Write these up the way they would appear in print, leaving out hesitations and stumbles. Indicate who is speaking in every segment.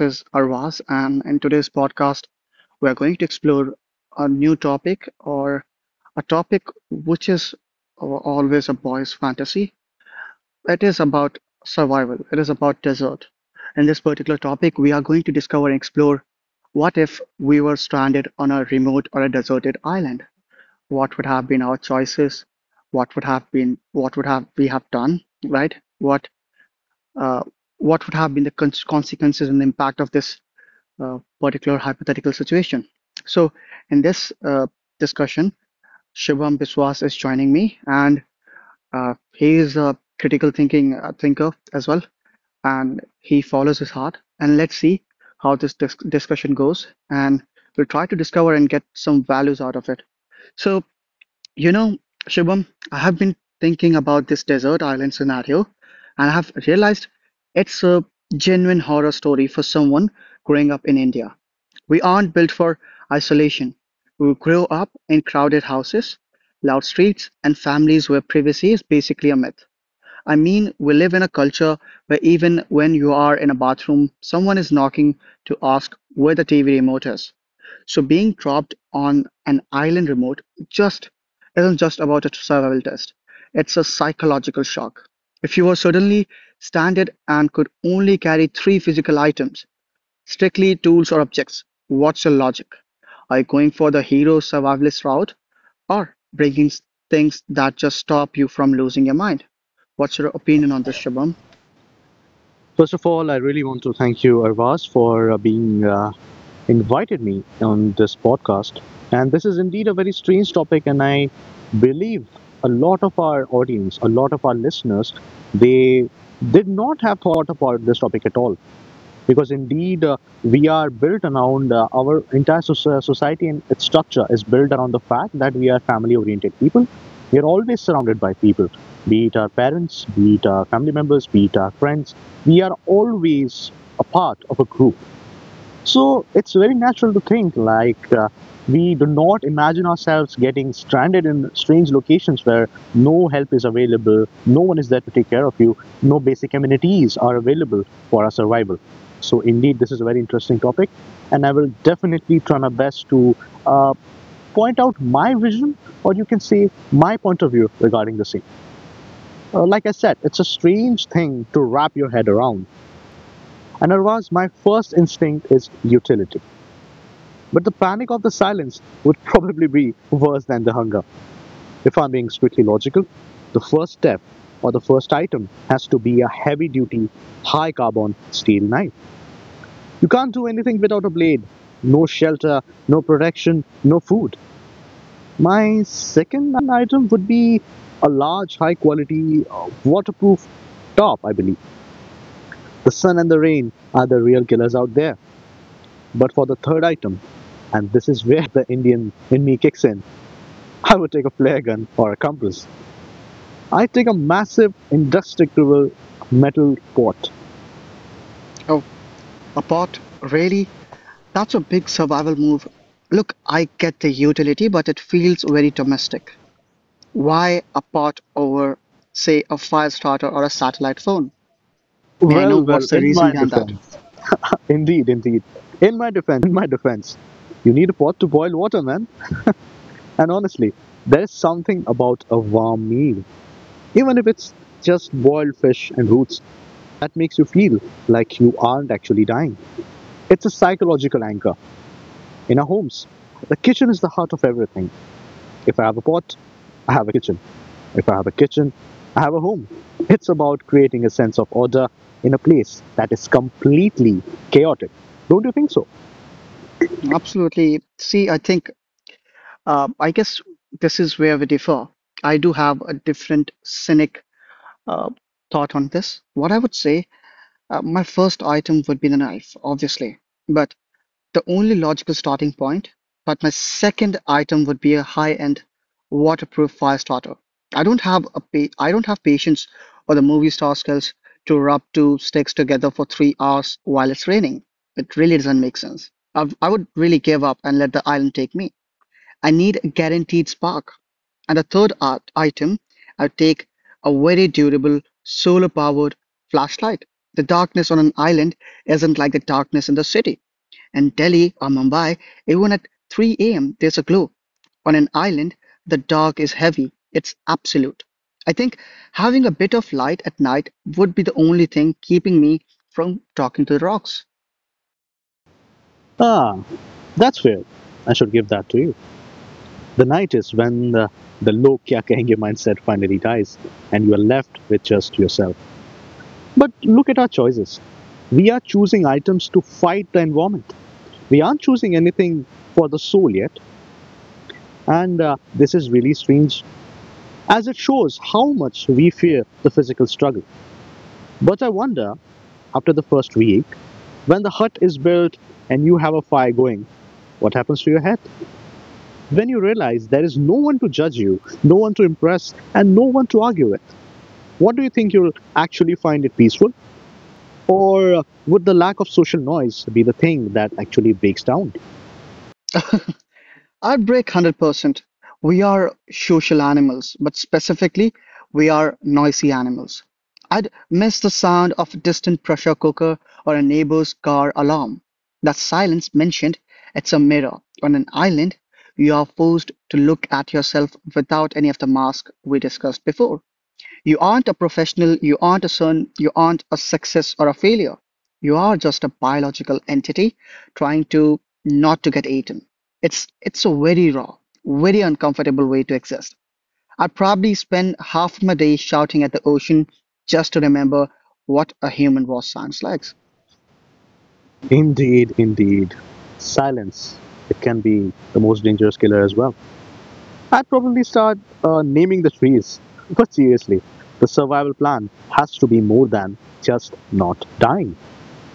Speaker 1: is Arvaz, and in today's podcast, we are going to explore a new topic, or a topic which is always a boy's fantasy. It is about survival, it is about desert. In this particular topic, we are going to discover and explore, what if we were stranded on a remote or a deserted island? What would have been our choices? What would have been, what would have we have done, right? Uh, what would have been the consequences and the impact of this particular hypothetical situation? So in this discussion, Shubham Biswas is joining me, and he is a critical thinking thinker as well, and he follows his heart. And let's see how this discussion goes, and we'll try to discover and get some values out of it. So you know, Shubham, I have been thinking about this desert island scenario, and I have realized it's a genuine horror story for someone growing up in India. We aren't built for isolation; we grow up in crowded houses, loud streets, and families where privacy is basically a myth. I mean, we live in a culture where even when you are in a bathroom, someone is knocking to ask where the TV remote is. So being dropped on an island remote just isn't just about a survival test. It's a psychological shock. If you were suddenly stranded and could only carry three physical items, strictly tools or objects, what's your logic? Are you going for the hero survivalist route or breaking things that just stop you from losing your mind? What's your opinion on this, Shabam?
Speaker 2: First of all, I really want to thank you, Arvaz, for being invited me on this podcast. And this is indeed a very strange topic, and I believe a lot of our audience, a lot of our listeners, they did not have thought about this topic at all because indeed we are built around our entire society and its structure is built around the fact that we are family oriented people. We are always surrounded by people, be it our parents, be it our family members, be it our friends. We are always a part of a group, so it's very natural to think like, we do not imagine ourselves getting stranded in strange locations where no help is available, no one is there to take care of you, no basic amenities are available for our survival. So indeed, this is a very interesting topic, and I will definitely try my best to uh, point out my vision, or you can say my point of view regarding the same. Like I said, it's a strange thing to wrap your head around. And otherwise, my first instinct is utility. But the panic of the silence would probably be worse than the hunger. If I'm being strictly logical, the first step or the first item has to be a heavy duty, high carbon steel knife. You can't do anything without a blade. No shelter, no protection, no food. My second item would be a large, high quality, waterproof top, I believe. The sun and the rain are the real killers out there. But for the third item, and this is where the Indian in me kicks in, I would take a flare gun or a compass. I'd take a massive indestructible metal pot.
Speaker 1: Oh, a pot? Really? That's a big survival move. Look, I get the utility, but it feels very domestic. Why a pot over, say, a fire starter or a satellite phone? May I know
Speaker 2: Well, well,
Speaker 1: what's the
Speaker 2: in my
Speaker 1: reason behind that?
Speaker 2: defense. Indeed, indeed. In my defense, in my defense. You need a pot to boil water, man. And honestly, there is something about a warm meal. Even if it's just boiled fish and roots, that makes you feel like you aren't actually dying. It's a psychological anchor. In our homes, the kitchen is the heart of everything. If I have a pot, I have a kitchen. If I have a kitchen, I have a home. It's about creating a sense of order in a place that is completely chaotic. Don't you think so?
Speaker 1: Absolutely. See, I think I guess this is where we differ. I do have a different cynic uh, thought on this. What I would say, my first item would be the knife, obviously, but the only logical starting point. But my second item would be a high-end waterproof fire starter. I don't have a I don't have patience or the movie star skills to rub two sticks together for 3 hours while it's raining. It really doesn't make sense. I would really give up and let the island take me. I need a guaranteed spark. And the third art item, I take a very durable solar powered flashlight. The darkness on an island isn't like the darkness in the city. In Delhi or Mumbai, even at 3 a.m., there's a glow. On an island, the dark is heavy, it's absolute. I think having a bit of light at night would be the only thing keeping me from talking to the rocks.
Speaker 2: Ah, that's fair. I should give that to you. The night is when the low kya kahenge mindset finally dies and you are left with just yourself. But look at our choices. We are choosing items to fight the environment. We aren't choosing anything for the soul yet. And this is really strange as it shows how much we fear the physical struggle. But I wonder, after the first week, when the hut is built and you have a fire going, what happens to your head? When you realize there is no one to judge you, no one to impress, and no one to argue with. What do you think? You'll actually find it peaceful? Or would the lack of social noise be the thing that actually breaks down?
Speaker 1: I'd break 100%. We are social animals, but specifically, we are noisy animals. I'd miss the sound of a distant pressure cooker or a neighbor's car alarm. That silence mentioned, it's a mirror. On an island, you are forced to look at yourself without any of the mask we discussed before. You aren't a professional, you aren't a son, you aren't a success or a failure. You are just a biological entity trying to not to get eaten. It's a very raw, very uncomfortable way to exist. I'd probably spend half my day shouting at the ocean just to remember what a human voice sounds like.
Speaker 2: Indeed, indeed. Silence. It can be the most dangerous killer as well. I'd probably start naming the trees. But seriously, the survival plan has to be more than just not dying.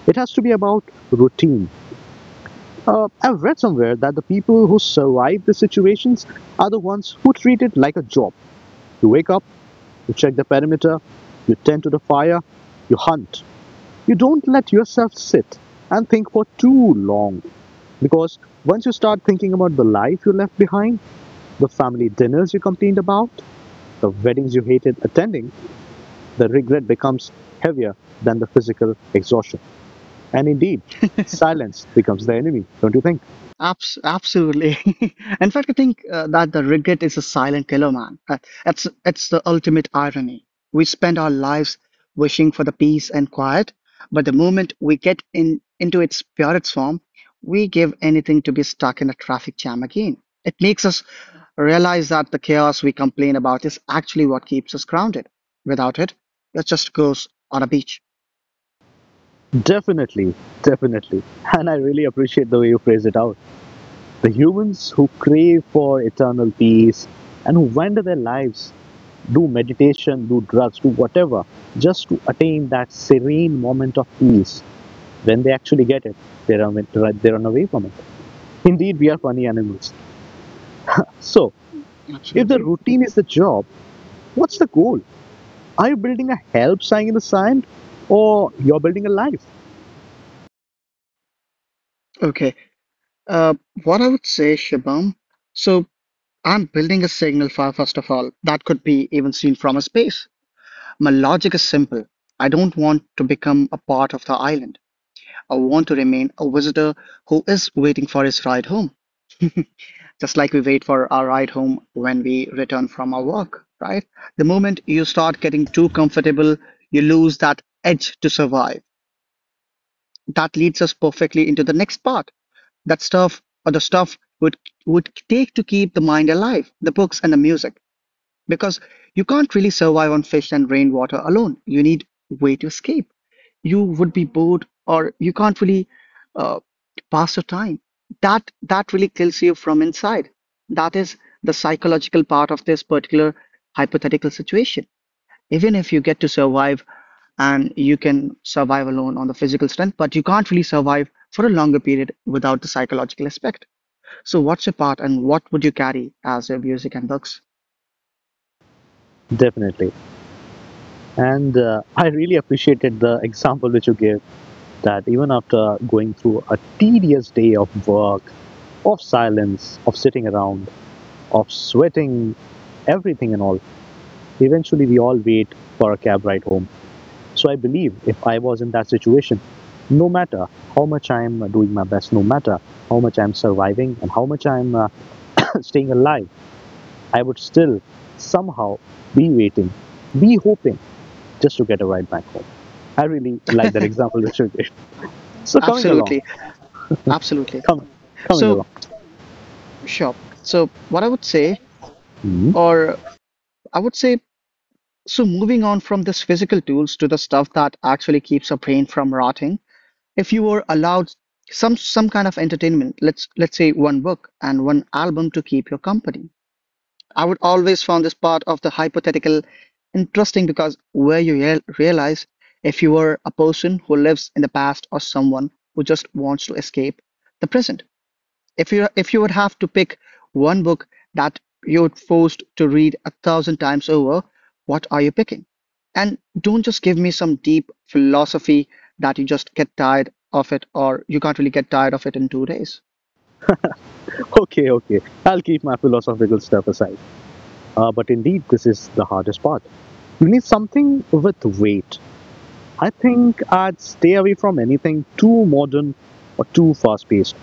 Speaker 2: It has to be about routine. I've read somewhere that the people who survive the situations are the ones who treat it like a job. You wake up, you check the perimeter, you tend to the fire, you hunt. You don't let yourself sit and think for too long, because once you start thinking about the life you left behind, the family dinners you complained about, the weddings you hated attending, the regret becomes heavier than the physical exhaustion. And indeed, silence becomes the enemy, don't you think?
Speaker 1: Absolutely. In fact, I think that the regret is a silent killer, man. That's the ultimate irony. We spend our lives wishing for the peace and quiet, but the moment we get in into its purest form, we give anything to be stuck in a traffic jam again. It makes us realize that the chaos we complain about is actually what keeps us grounded. Without it, it just goes on a beach.
Speaker 2: Definitely, definitely. And I really appreciate the way you phrase it out. The humans who crave for eternal peace and who wander their lives, do meditation, do drugs, do whatever, just to attain that serene moment of peace. When they actually get it, they run, they run away from it. Indeed, we are funny animals. So, if the
Speaker 1: Absolutely.
Speaker 2: routine is the job, what's the goal? Are you building a help sign in the sand, or you're building a life?
Speaker 1: Okay. Uh, what I would say, Shabam. So I'm building a signal fire, first of all, that could be even seen from a space. My logic is simple. I don't want to become a part of the island. I want to remain a visitor who is waiting for his ride home, just like we wait for our ride home when we return from our work, right? The moment you start getting too comfortable, you lose that edge to survive. That leads us perfectly into the next part. That stuff or the stuff would take to keep the mind alive, the books and the music, because you can't really survive on fish and rainwater alone. You need way to escape. You would be bored, or you can't really uh, pass your time. That really kills you from inside. That is the psychological part of this particular hypothetical situation. Even if you get to survive and you can survive alone on the physical strength, but you can't really survive for a longer period without the psychological aspect. So, what's your part, and what would you carry as your music and books?
Speaker 2: Definitely. And I really appreciated the example which you gave, that even after going through a tedious day of work, of silence, of sitting around, of sweating, everything and all, eventually we all wait for a cab ride home. So I believe, if I was in that situation, no matter how much I'm doing my best, no matter how much I'm surviving and how much I'm staying alive, I would still somehow be waiting, be hoping just to get a ride back home. I really like that example which you gave. So coming along,
Speaker 1: Absolutely. Absolutely.
Speaker 2: coming, coming
Speaker 1: So,
Speaker 2: along.
Speaker 1: sure. So, what I would say,
Speaker 2: Hmm,
Speaker 1: or I would say, so moving on from this physical tools to the stuff that actually keeps a brain from rotting, if you were allowed some kind of entertainment, let's say one book and one album to keep your company, I would always found this part of the hypothetical interesting because where you realize if you were a person who lives in the past or someone who just wants to escape the present. If you would have to pick one book that you're forced to read a thousand times over, what are you picking? And don't just give me some deep philosophy that you just get tired of it or you can't really get tired of it in 2 days.
Speaker 2: okay, okay. I'll keep my philosophical stuff aside. But indeed, this is the hardest part. You need something with weight. I think I'd stay away from anything too modern or too fast paced.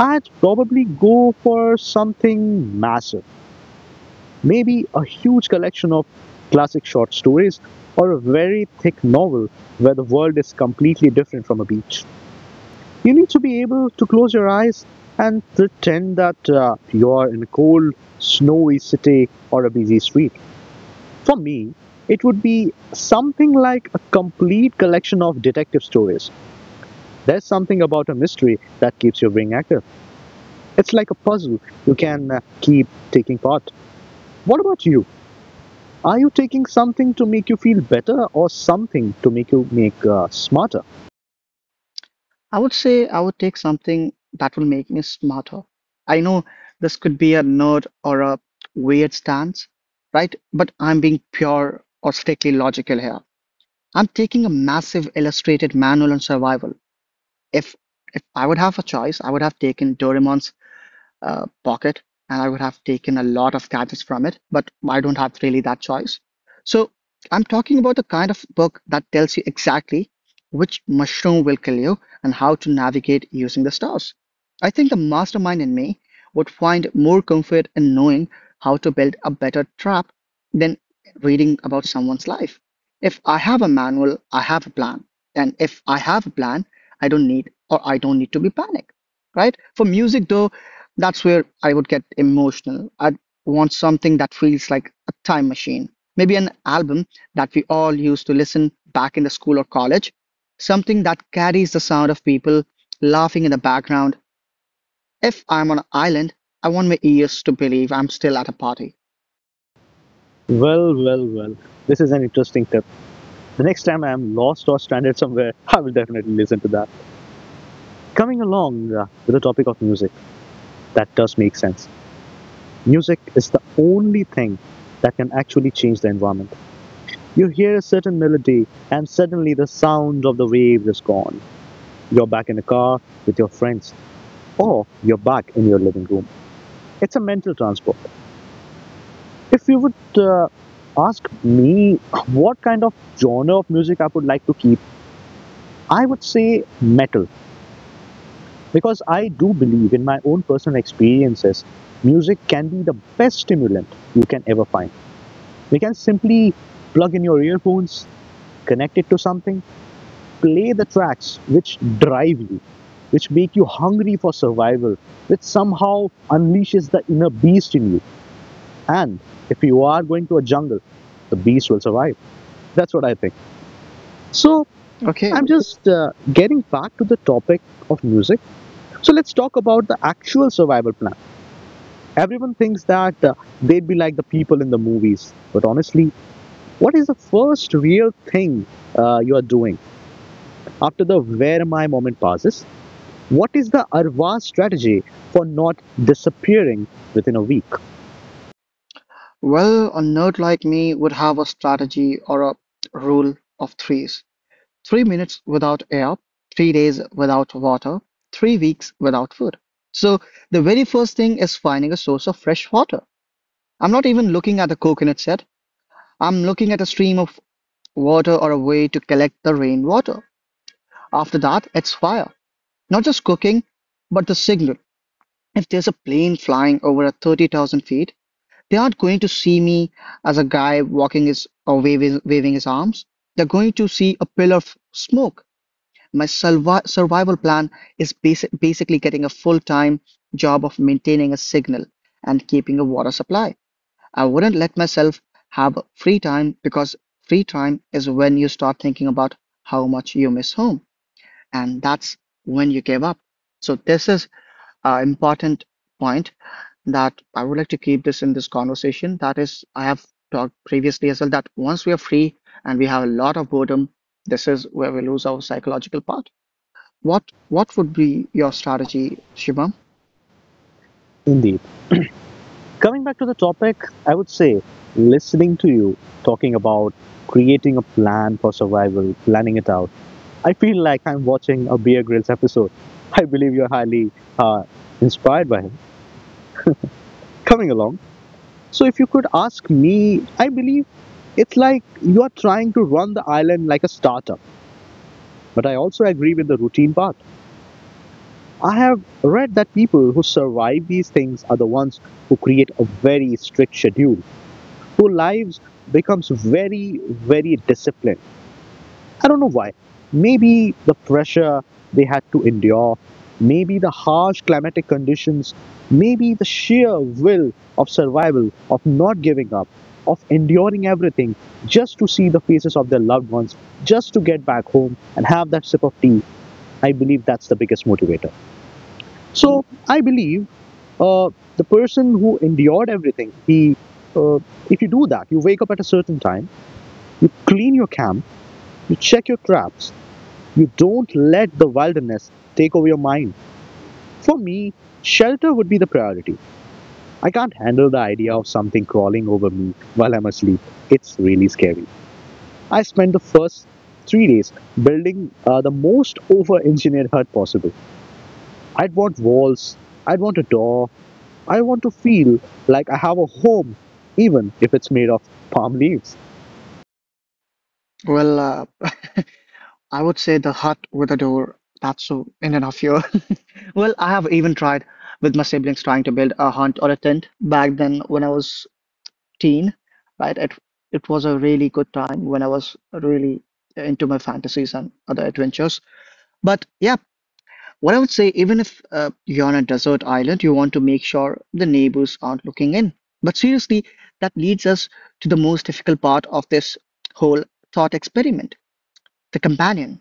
Speaker 2: I'd probably go for something massive, maybe a huge collection of classic short stories or a very thick novel where the world is completely different from a beach. You need to be able to close your eyes and pretend that you are in a cold, snowy city or a busy street. For me, it would be something like a complete collection of detective stories. There's something about a mystery that keeps your brain active. It's like a puzzle you can keep taking part. What about you? Are you taking something to make you feel better, or something to make you make smarter?
Speaker 1: I would say I would take something that will make me smarter. I know this could be a nerd or a weird stance, right? But I'm being pure or strictly logical here. I'm taking a massive illustrated manual on survival. If I would have a choice, I would have taken Doraemon's Pocket, and I would have taken a lot of gadgets from it, but I don't have really that choice. So I'm talking about the kind of book that tells you exactly which mushroom will kill you and how to navigate using the stars. I think the mastermind in me would find more comfort in knowing how to build a better trap than reading about someone's life. If I have a manual, I have a plan. And if I have a plan, I don't need to be panicked, right? For music, though, that's where I would get emotional. I'd want something that feels like a time machine. Maybe an album that we all used to listen back in the school or college. Something that carries the sound of people laughing in the background. If I'm on an island, I want my ears to believe I'm still at a party.
Speaker 2: Well, well, well. This is an interesting tip. The next time I am lost or stranded somewhere, I will definitely listen to that. Coming along with the topic of music, that does make sense. Music is the only thing that can actually change the environment. You hear a certain melody, and suddenly the sound of the waves is gone. You're back in the car with your friends, or you're back in your living room. It's a mental transport. If you would ask me what kind of genre of music I would like to keep, I would say metal, because I do believe, in my own personal experiences, music can be the best stimulant you can ever find. You can simply plug in your earphones, connect it to something, play the tracks which drive you, which make you hungry for survival, which somehow unleashes the inner beast in you. And if you are going to a jungle, the beast will survive. That's what I think. So
Speaker 1: Okay.
Speaker 2: I'm just getting back to the topic of music. So let's talk about the actual survival plan. Everyone thinks that they'd be like the people in the movies, but honestly, what is the first real thing you are doing after the "where am I" moment passes? What is the Arva strategy for not disappearing within a week?
Speaker 1: Well, a nerd like me would have a strategy or a rule of threes. 3 minutes without air, 3 days without water, 3 weeks without food. So the very first thing is finding a source of fresh water. I'm not even looking at a coconut set. I'm looking at a stream of water or a way to collect the rainwater. After that, it's fire. Not just cooking, but the signal. If there's a plane flying over at 30,000 feet, they aren't going to see me as a guy walking his or waving his arms. They're going to see a pillar of smoke. My survival plan is basically getting a full-time job of maintaining a signal and keeping a water supply. I wouldn't let myself have free time, because free time is when you start thinking about how much you miss home, and that's when you give up. So this is an important point that I would like to keep this in this conversation. That is, I have talked previously as well that once we are free and we have a lot of boredom, this is where we lose our psychological part. What would be your strategy, Shubham?
Speaker 2: Indeed. Coming back to the topic, I would say, listening to you talking about creating a plan for survival, planning it out, I feel like I'm watching a Bear Grylls episode. I believe you're highly uh, inspired by him. Coming along. So, if you could ask me, I believe it's like you are trying to run the island like a startup. But I also agree with the routine part. I have read that people who survive these things are the ones who create a very strict schedule, whose lives becomes very, very disciplined. I don't know why. Maybe the pressure they had to endure, maybe the harsh climatic conditions, maybe the sheer will of survival, of not giving up, of enduring everything just to see the faces of their loved ones, just to get back home and have that sip of tea. I believe that's the biggest motivator. So I believe uh, the person who endured everything, he uh, if you do that, you wake up at a certain time, you clean your camp, you check your traps, you don't let the wilderness take over your mind. For me, shelter would be the priority. I can't handle the idea of something crawling over me while I'm asleep. It's really scary. I spent the first 3 days building the most over engineered hut possible. I'd want walls, I'd want a door, I want to feel like I have a home, even if it's made of palm leaves.
Speaker 1: Well, I would say the hut with a door. That's so in and of here. Well, I have even tried with my siblings trying to build a hut or a tent back then when I was teen, right? It was a really good time when I was really into my fantasies and other adventures. But yeah, what I would say, even if you're on a desert island, you want to make sure the neighbors aren't looking in. But seriously, that leads us to the most difficult part of this whole thought experiment, the companion.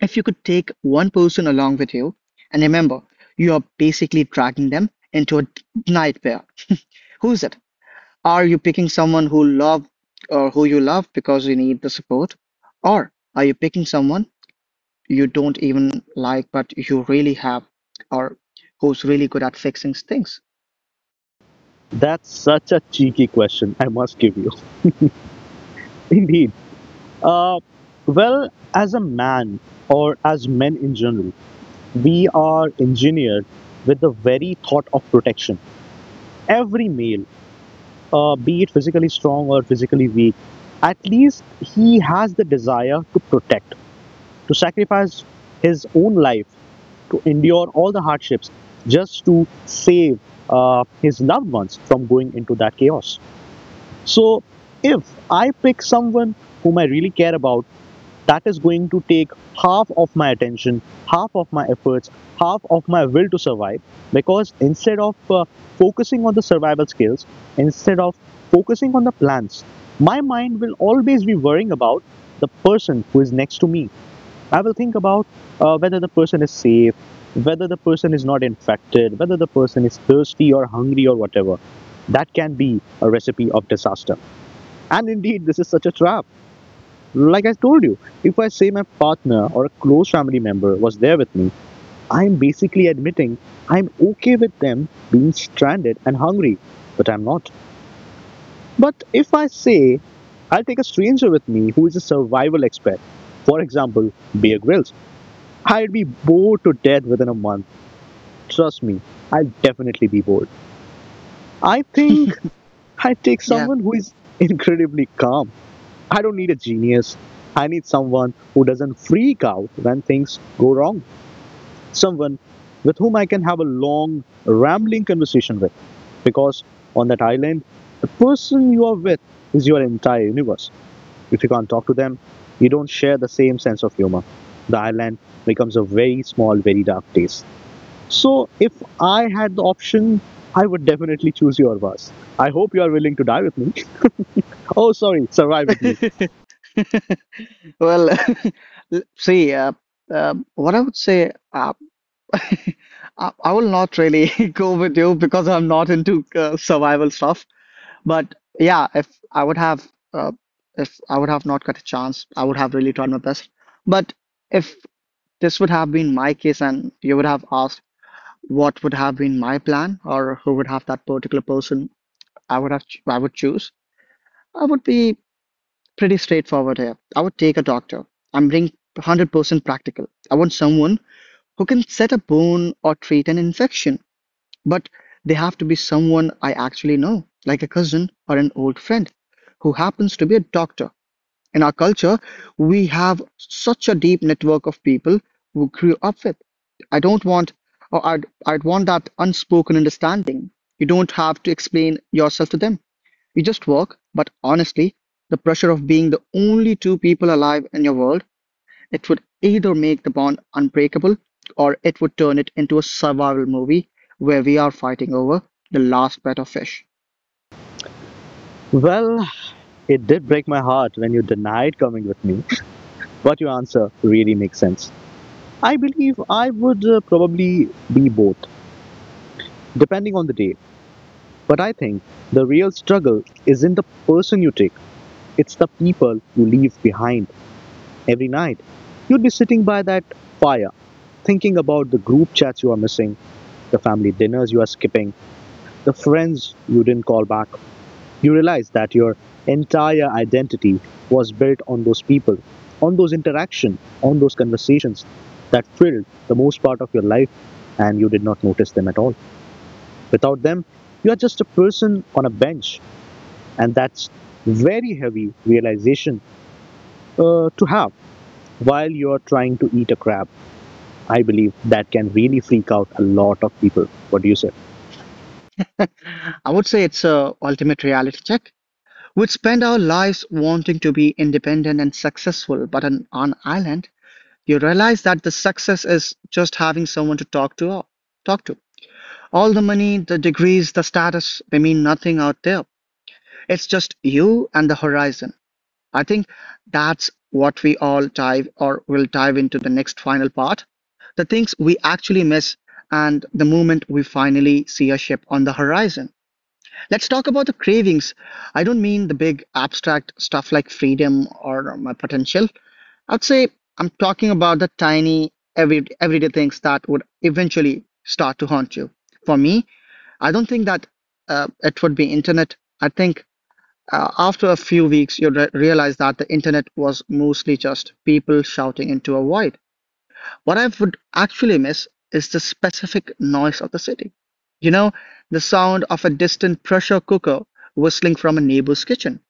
Speaker 1: If you could take one person along with you, and remember, you are basically dragging them into a nightmare. Who's it? Are you picking someone who love or who you love because you need the support? Or are you picking someone you don't even like, but you really have, or who's really good at fixing things?
Speaker 2: That's such a cheeky question, I must give you. Indeed. Uh, well, as a man or as men in general, we are engineered with the very thought of protection. Every male, be it physically strong or physically weak, at least he has the desire to protect, to sacrifice his own life, to endure all the hardships just to save his loved ones from going into that chaos. So, if I pick someone whom I really care about, that is going to take half of my attention, half of my efforts, half of my will to survive. Because instead of focusing on the survival skills, instead of focusing on the plans, my mind will always be worrying about the person who is next to me. I will think about whether the person is safe, whether the person is not infected, whether the person is thirsty or hungry or whatever. That can be a recipe of disaster. And indeed, this is such a trap. Like I told you, if I say my partner or a close family member was there with me, I'm basically admitting I'm okay with them being stranded and hungry, but I'm not. But if I say I'll take a stranger with me who is a survival expert, for example, Bear Grylls, I'd be bored to death within a month. Trust me, I'll definitely be bored. I think I'd take
Speaker 1: Yeah.
Speaker 2: someone who is incredibly calm. I don't need a genius. I need someone who doesn't freak out when things go wrong. Someone with whom I can have a long, rambling conversation with. Because on that island, the person you are with is your entire universe. If you can't talk to them, you don't share the same sense of humor. The island becomes a very small, very dark place. So, if I had the option, I would definitely choose your verse. I hope you are willing to die with me. Oh, sorry, survive with me.
Speaker 1: Well, see, what I would say, I will not really go with you because I'm not into survival stuff. But yeah, if I would have, uh, if I would have not got a chance, I would have really tried my best. But if this would have been my case and you would have asked, what would have been my plan or who would have that particular person I would choose, I would be pretty straightforward here. I would take a doctor. I'm being 100% practical. I want someone who can set a bone or treat an infection, but they have to be someone I actually know, like a cousin or an old friend who happens to be a doctor. In our culture, we have such a deep network of people who grew up with. I don't want, or I'd want that unspoken understanding. You don't have to explain yourself to them. You just work, but honestly, the pressure of being the only two people alive in your world, it would either make the bond unbreakable or it would turn it into a survival movie where we are fighting over the last pet of fish.
Speaker 2: Well, it did break my heart when you denied coming with me, but your answer really makes sense. I believe I would probably be both, depending on the day. But I think the real struggle isn't the person you take, it's the people you leave behind every night. You'd be sitting by that fire, thinking about the group chats you are missing, the family dinners you are skipping, the friends you didn't call back. You realize that your entire identity was built on those people, on those interactions, on those conversations that filled the most part of your life, and you did not notice them at all. Without them, you are just a person on a bench, and that's very heavy realization to have while you're trying to eat a crab. I believe that can really freak out a lot of people. What do you say?
Speaker 1: I would say it's a ultimate reality check. We'd spend our lives wanting to be independent and successful, but on an island you realize that the success is just having someone to talk to or talk to. All the money, the degrees, the status, they mean nothing out there. It's just you and the horizon. I think that's what we all dive or will dive into the next final part. The things we actually miss and the moment we finally see a ship on the horizon. Let's talk about the cravings. I don't mean the big abstract stuff like freedom or my potential. I'd say I'm talking about the tiny, everyday things that would eventually start to haunt you. For me, I don't think that it would be internet. I think after a few weeks, you realize that the internet was mostly just people shouting into a void. What I would actually miss is the specific noise of the city. You know, the sound of a distant pressure cooker whistling from a neighbor's kitchen,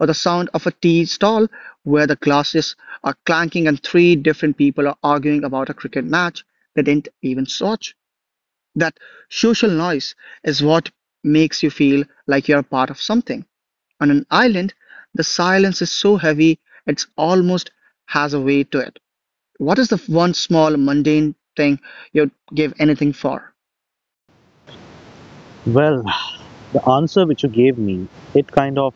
Speaker 1: or the sound of a tea stall where the glasses are clanking and three different people are arguing about a cricket match they didn't even watch. That social noise is what makes you feel like you're a part of something. On an island, the silence is so heavy it's almost has a weight to it. What is the one small mundane thing you'd give anything for?
Speaker 2: Well, the answer which you gave me, it kind of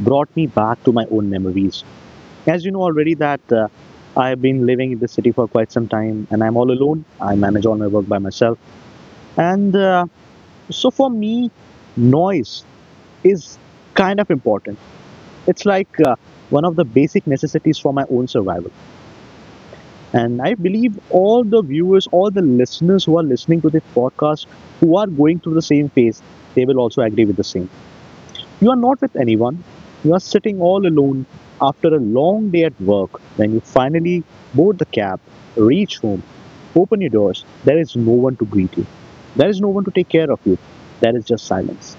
Speaker 2: brought me back to my own memories. As you know already that I have been living in the city for quite some time and I'm all alone. I manage all my work by myself. And so for me, noise is kind of important. It's like one of the basic necessities for my own survival. And I believe all the viewers, all the listeners who are listening to this podcast, who are going through the same phase, they will also agree with the same. You are not with anyone. You are sitting all alone after a long day at work. When you finally board the cab, reach home, open your doors, there is no one to greet you. There is no one to take care of you. There is just silence.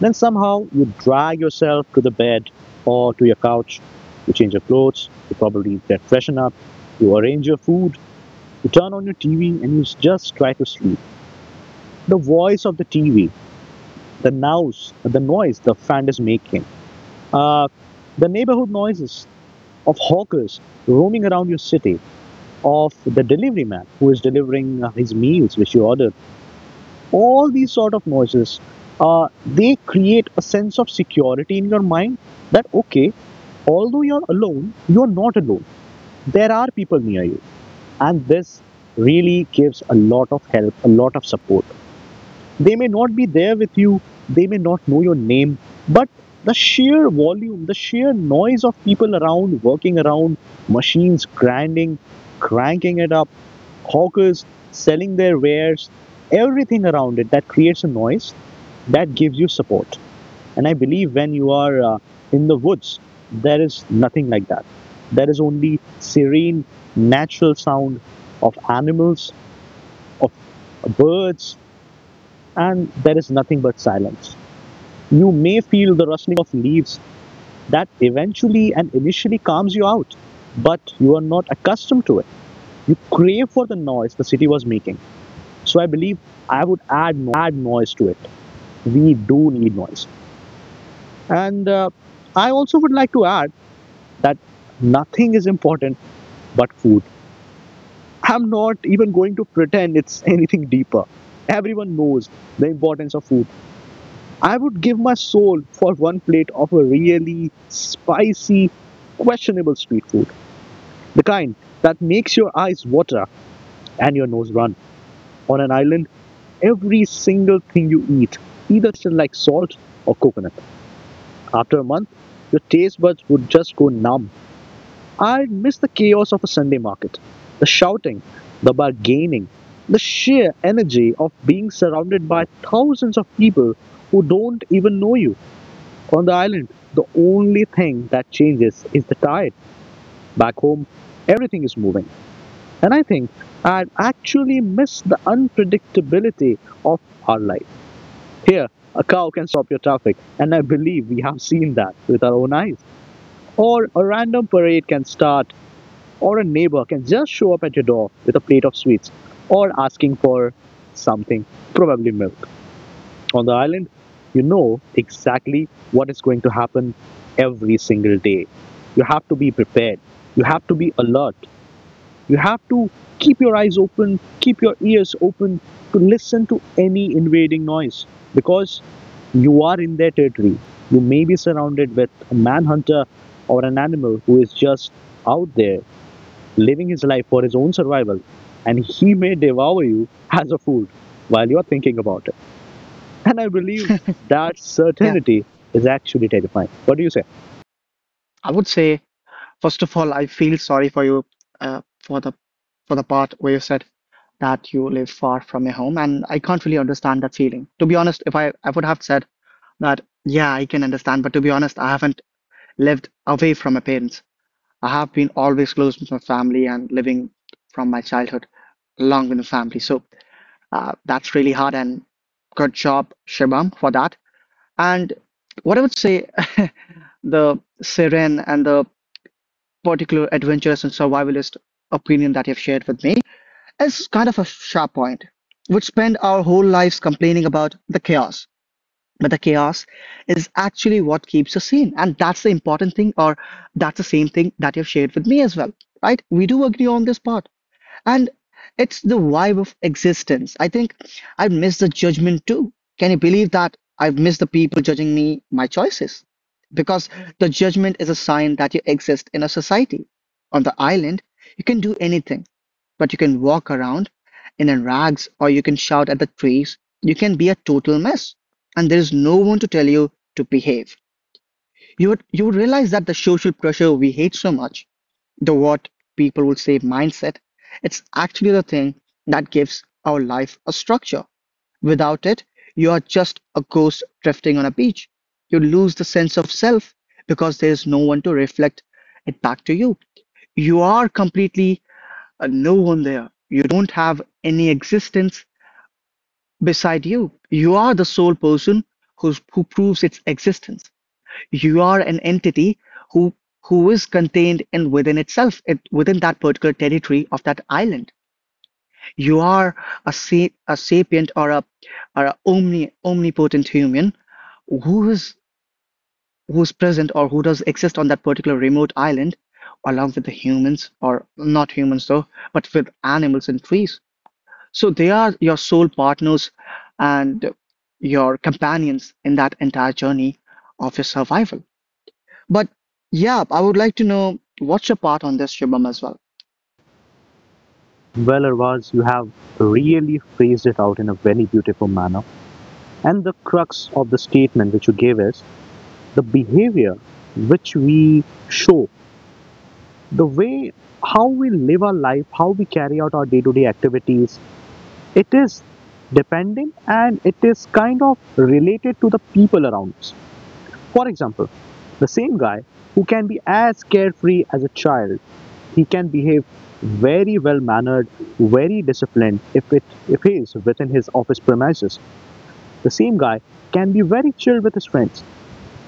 Speaker 2: Then somehow you drag yourself to the bed or to your couch. You change your clothes. You probably get freshen up. You arrange your food. You turn on your TV and you just try to sleep. The voice of the TV, the noise the fan is making, uh, the neighborhood noises of hawkers roaming around your city, of the delivery man who is delivering his meals which you ordered, all these sort of noises, they create a sense of security in your mind that, okay, although you're alone, you're not alone. There are people near you. And this really gives a lot of help, a lot of support. They may not be there with you, they may not know your name, but the sheer volume, the sheer noise of people around, working around, machines grinding, cranking it up, hawkers selling their wares, everything around it that creates a noise that gives you support. And I believe when you are in the woods, there is nothing like that. There is only serene, natural sound of animals, birds, and there is nothing but silence. You may feel the rustling of leaves that eventually and initially calms you out, but you are not accustomed to it. You crave for the noise the city was making. So I believe I would add noise to it. We do need noise. And I also would like to add that nothing is important but food. I'm not even going to pretend it's anything deeper. Everyone knows the importance of food. I would give my soul for one plate of a really spicy, questionable street food. The kind that makes your eyes water and your nose run. On an island, every single thing you eat either tasted like salt or coconut. After a month, your taste buds would just go numb. I'd miss the chaos of a Sunday market, the shouting, the bargaining, the sheer energy of being surrounded by thousands of people who don't even know you. On the island, the only thing that changes is the tide. Back home, everything is moving. And I think I actually miss the unpredictability of our life. Here, a cow can stop your traffic, and I believe we have seen that with our own eyes. Or a random parade can start, or a neighbor can just show up at your door with a plate of sweets, or asking for something, probably milk. On the island, you know exactly what is going to happen every single day. You have to be prepared. You have to be alert. You have to keep your eyes open, keep your ears open to listen to any invading noise because you are in their territory. You may be surrounded with a manhunter or an animal who is just out there living his life for his own survival and he may devour you as a food while you're thinking about it. And I believe that
Speaker 1: Yeah,
Speaker 2: certainty is actually terrifying. What do you say?
Speaker 1: I would say, first of all, I feel sorry for you for the part where you said that you live far from your home, and I can't really understand that feeling. To be honest, if I would have said that, yeah, I can understand, but to be honest, I haven't lived away from my parents. I have been always close to my family and living from my childhood long in the family. So that's really hard, and good job, Shibam, for that. And what I would say, the serene and the particular adventurous and survivalist opinion that you've shared with me is kind of a sharp point. We'd spend our whole lives complaining about the chaos, but the chaos is actually what keeps us sane. And that's the important thing, or that's the same thing that you've shared with me as well, right? We do agree on this part. And it's the vibe of existence. I think I've missed the judgment too. Can you believe that I've missed the people judging me, my choices? Because the judgment is a sign that you exist in a society. On the island, you can do anything, but you can walk around in a rags or you can shout at the trees. You can be a total mess, and there is no one to tell you to behave. You would realize that the social pressure we hate so much, the what people would say mindset. It's actually the thing that gives our life a structure. Without it, you are just a ghost drifting on a beach. You lose the sense of self because there is no one to reflect it back to you. You are completely a no one there. You don't have any existence beside you. You are the sole person who proves its existence. You are an entity who who is contained and within itself, it within that particular territory of that island. You are a a sapient or a omnipotent human who is who's present or who does exist on that particular remote island along with the humans or not humans though, but with animals and trees, so they are your soul partners and your companions in that entire journey of your survival. But yeah, I would like to know what's your part on this, Shubham, as well.
Speaker 2: Well, Arvaz, you have really phrased it out in a very beautiful manner. And the crux of the statement which you gave is the behavior which we show, the way how we live our life, how we carry out our day to day activities, it is dependent and it is kind of related to the people around us. For example, the same guy who can be as carefree as a child, he can behave very well mannered, very disciplined if it if he is within his office premises. The same guy can be very chill with his friends.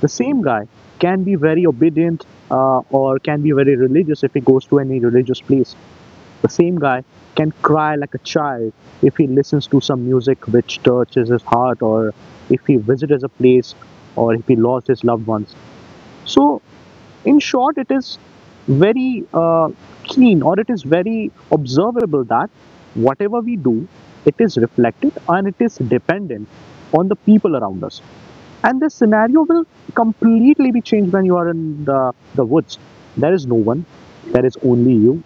Speaker 2: The same guy can be very obedient, or can be very religious if he goes to any religious place. The same guy can cry like a child if he listens to some music which touches his heart or if he visits a place or if he lost his loved ones. So in short, it is very keen or it is very observable that whatever we do, it is reflected and it is dependent on the people around us. And this scenario will completely be changed when you are in the woods. There is no one, there is only you,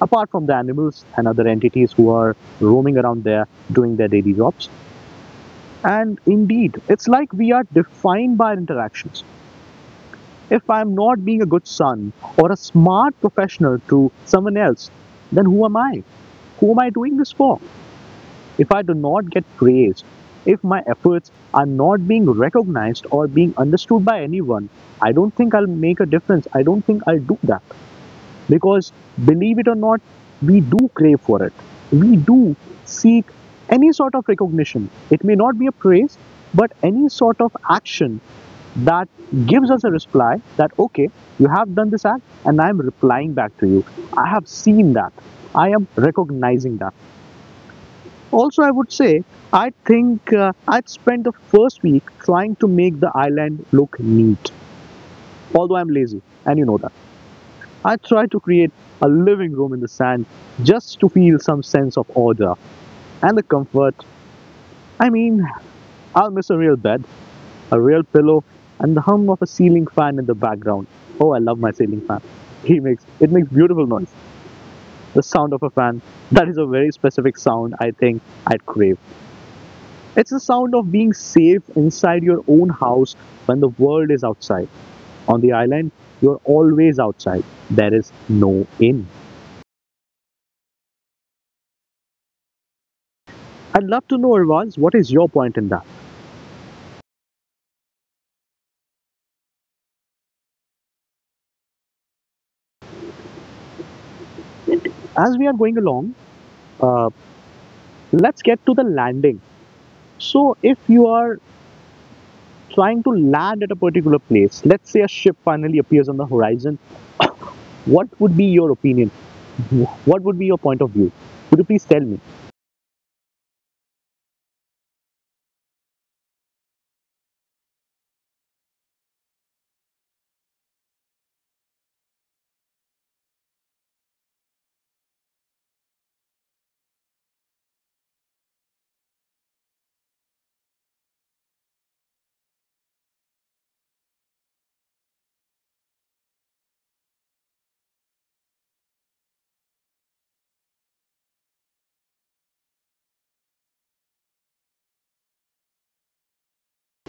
Speaker 2: apart from the animals and other entities who are roaming around there doing their daily jobs. And indeed, it's like we are defined by interactions. If I'm not being a good son or a smart professional to someone else, then who am I? Who am I doing this for? If I do not get praised, if my efforts are not being recognized or being understood by anyone, I don't think I'll make a difference. I don't think I'll do that. Because believe it or not, we do crave for it. We do seek any sort of recognition. It may not be a praise, but any sort of action that gives us a reply that, okay, you have done this act and I am replying back to you. I have seen that, I am recognizing that. Also I would say, I think I'd spent the first week trying to make the island look neat. Although I'm lazy and you know that, I tried to create a living room in the sand just to feel some sense of order and the comfort. I mean, I'll miss a real bed, a real pillow, and the hum of a ceiling fan in the background. Oh, I love my ceiling fan. He makes it makes beautiful noise. The sound of a fan. That is a very specific sound I think I'd crave. It's the sound of being safe inside your own house when the world is outside. On the island, you're always outside. There is no in. I'd love to know, Irvaz, what is your point in that? As we are going along, uh, let's get to the landing. So, if you are trying to land at a particular place, let's say a ship finally appears on the horizon, what would be your opinion? What would be your point of view? Could you please tell me?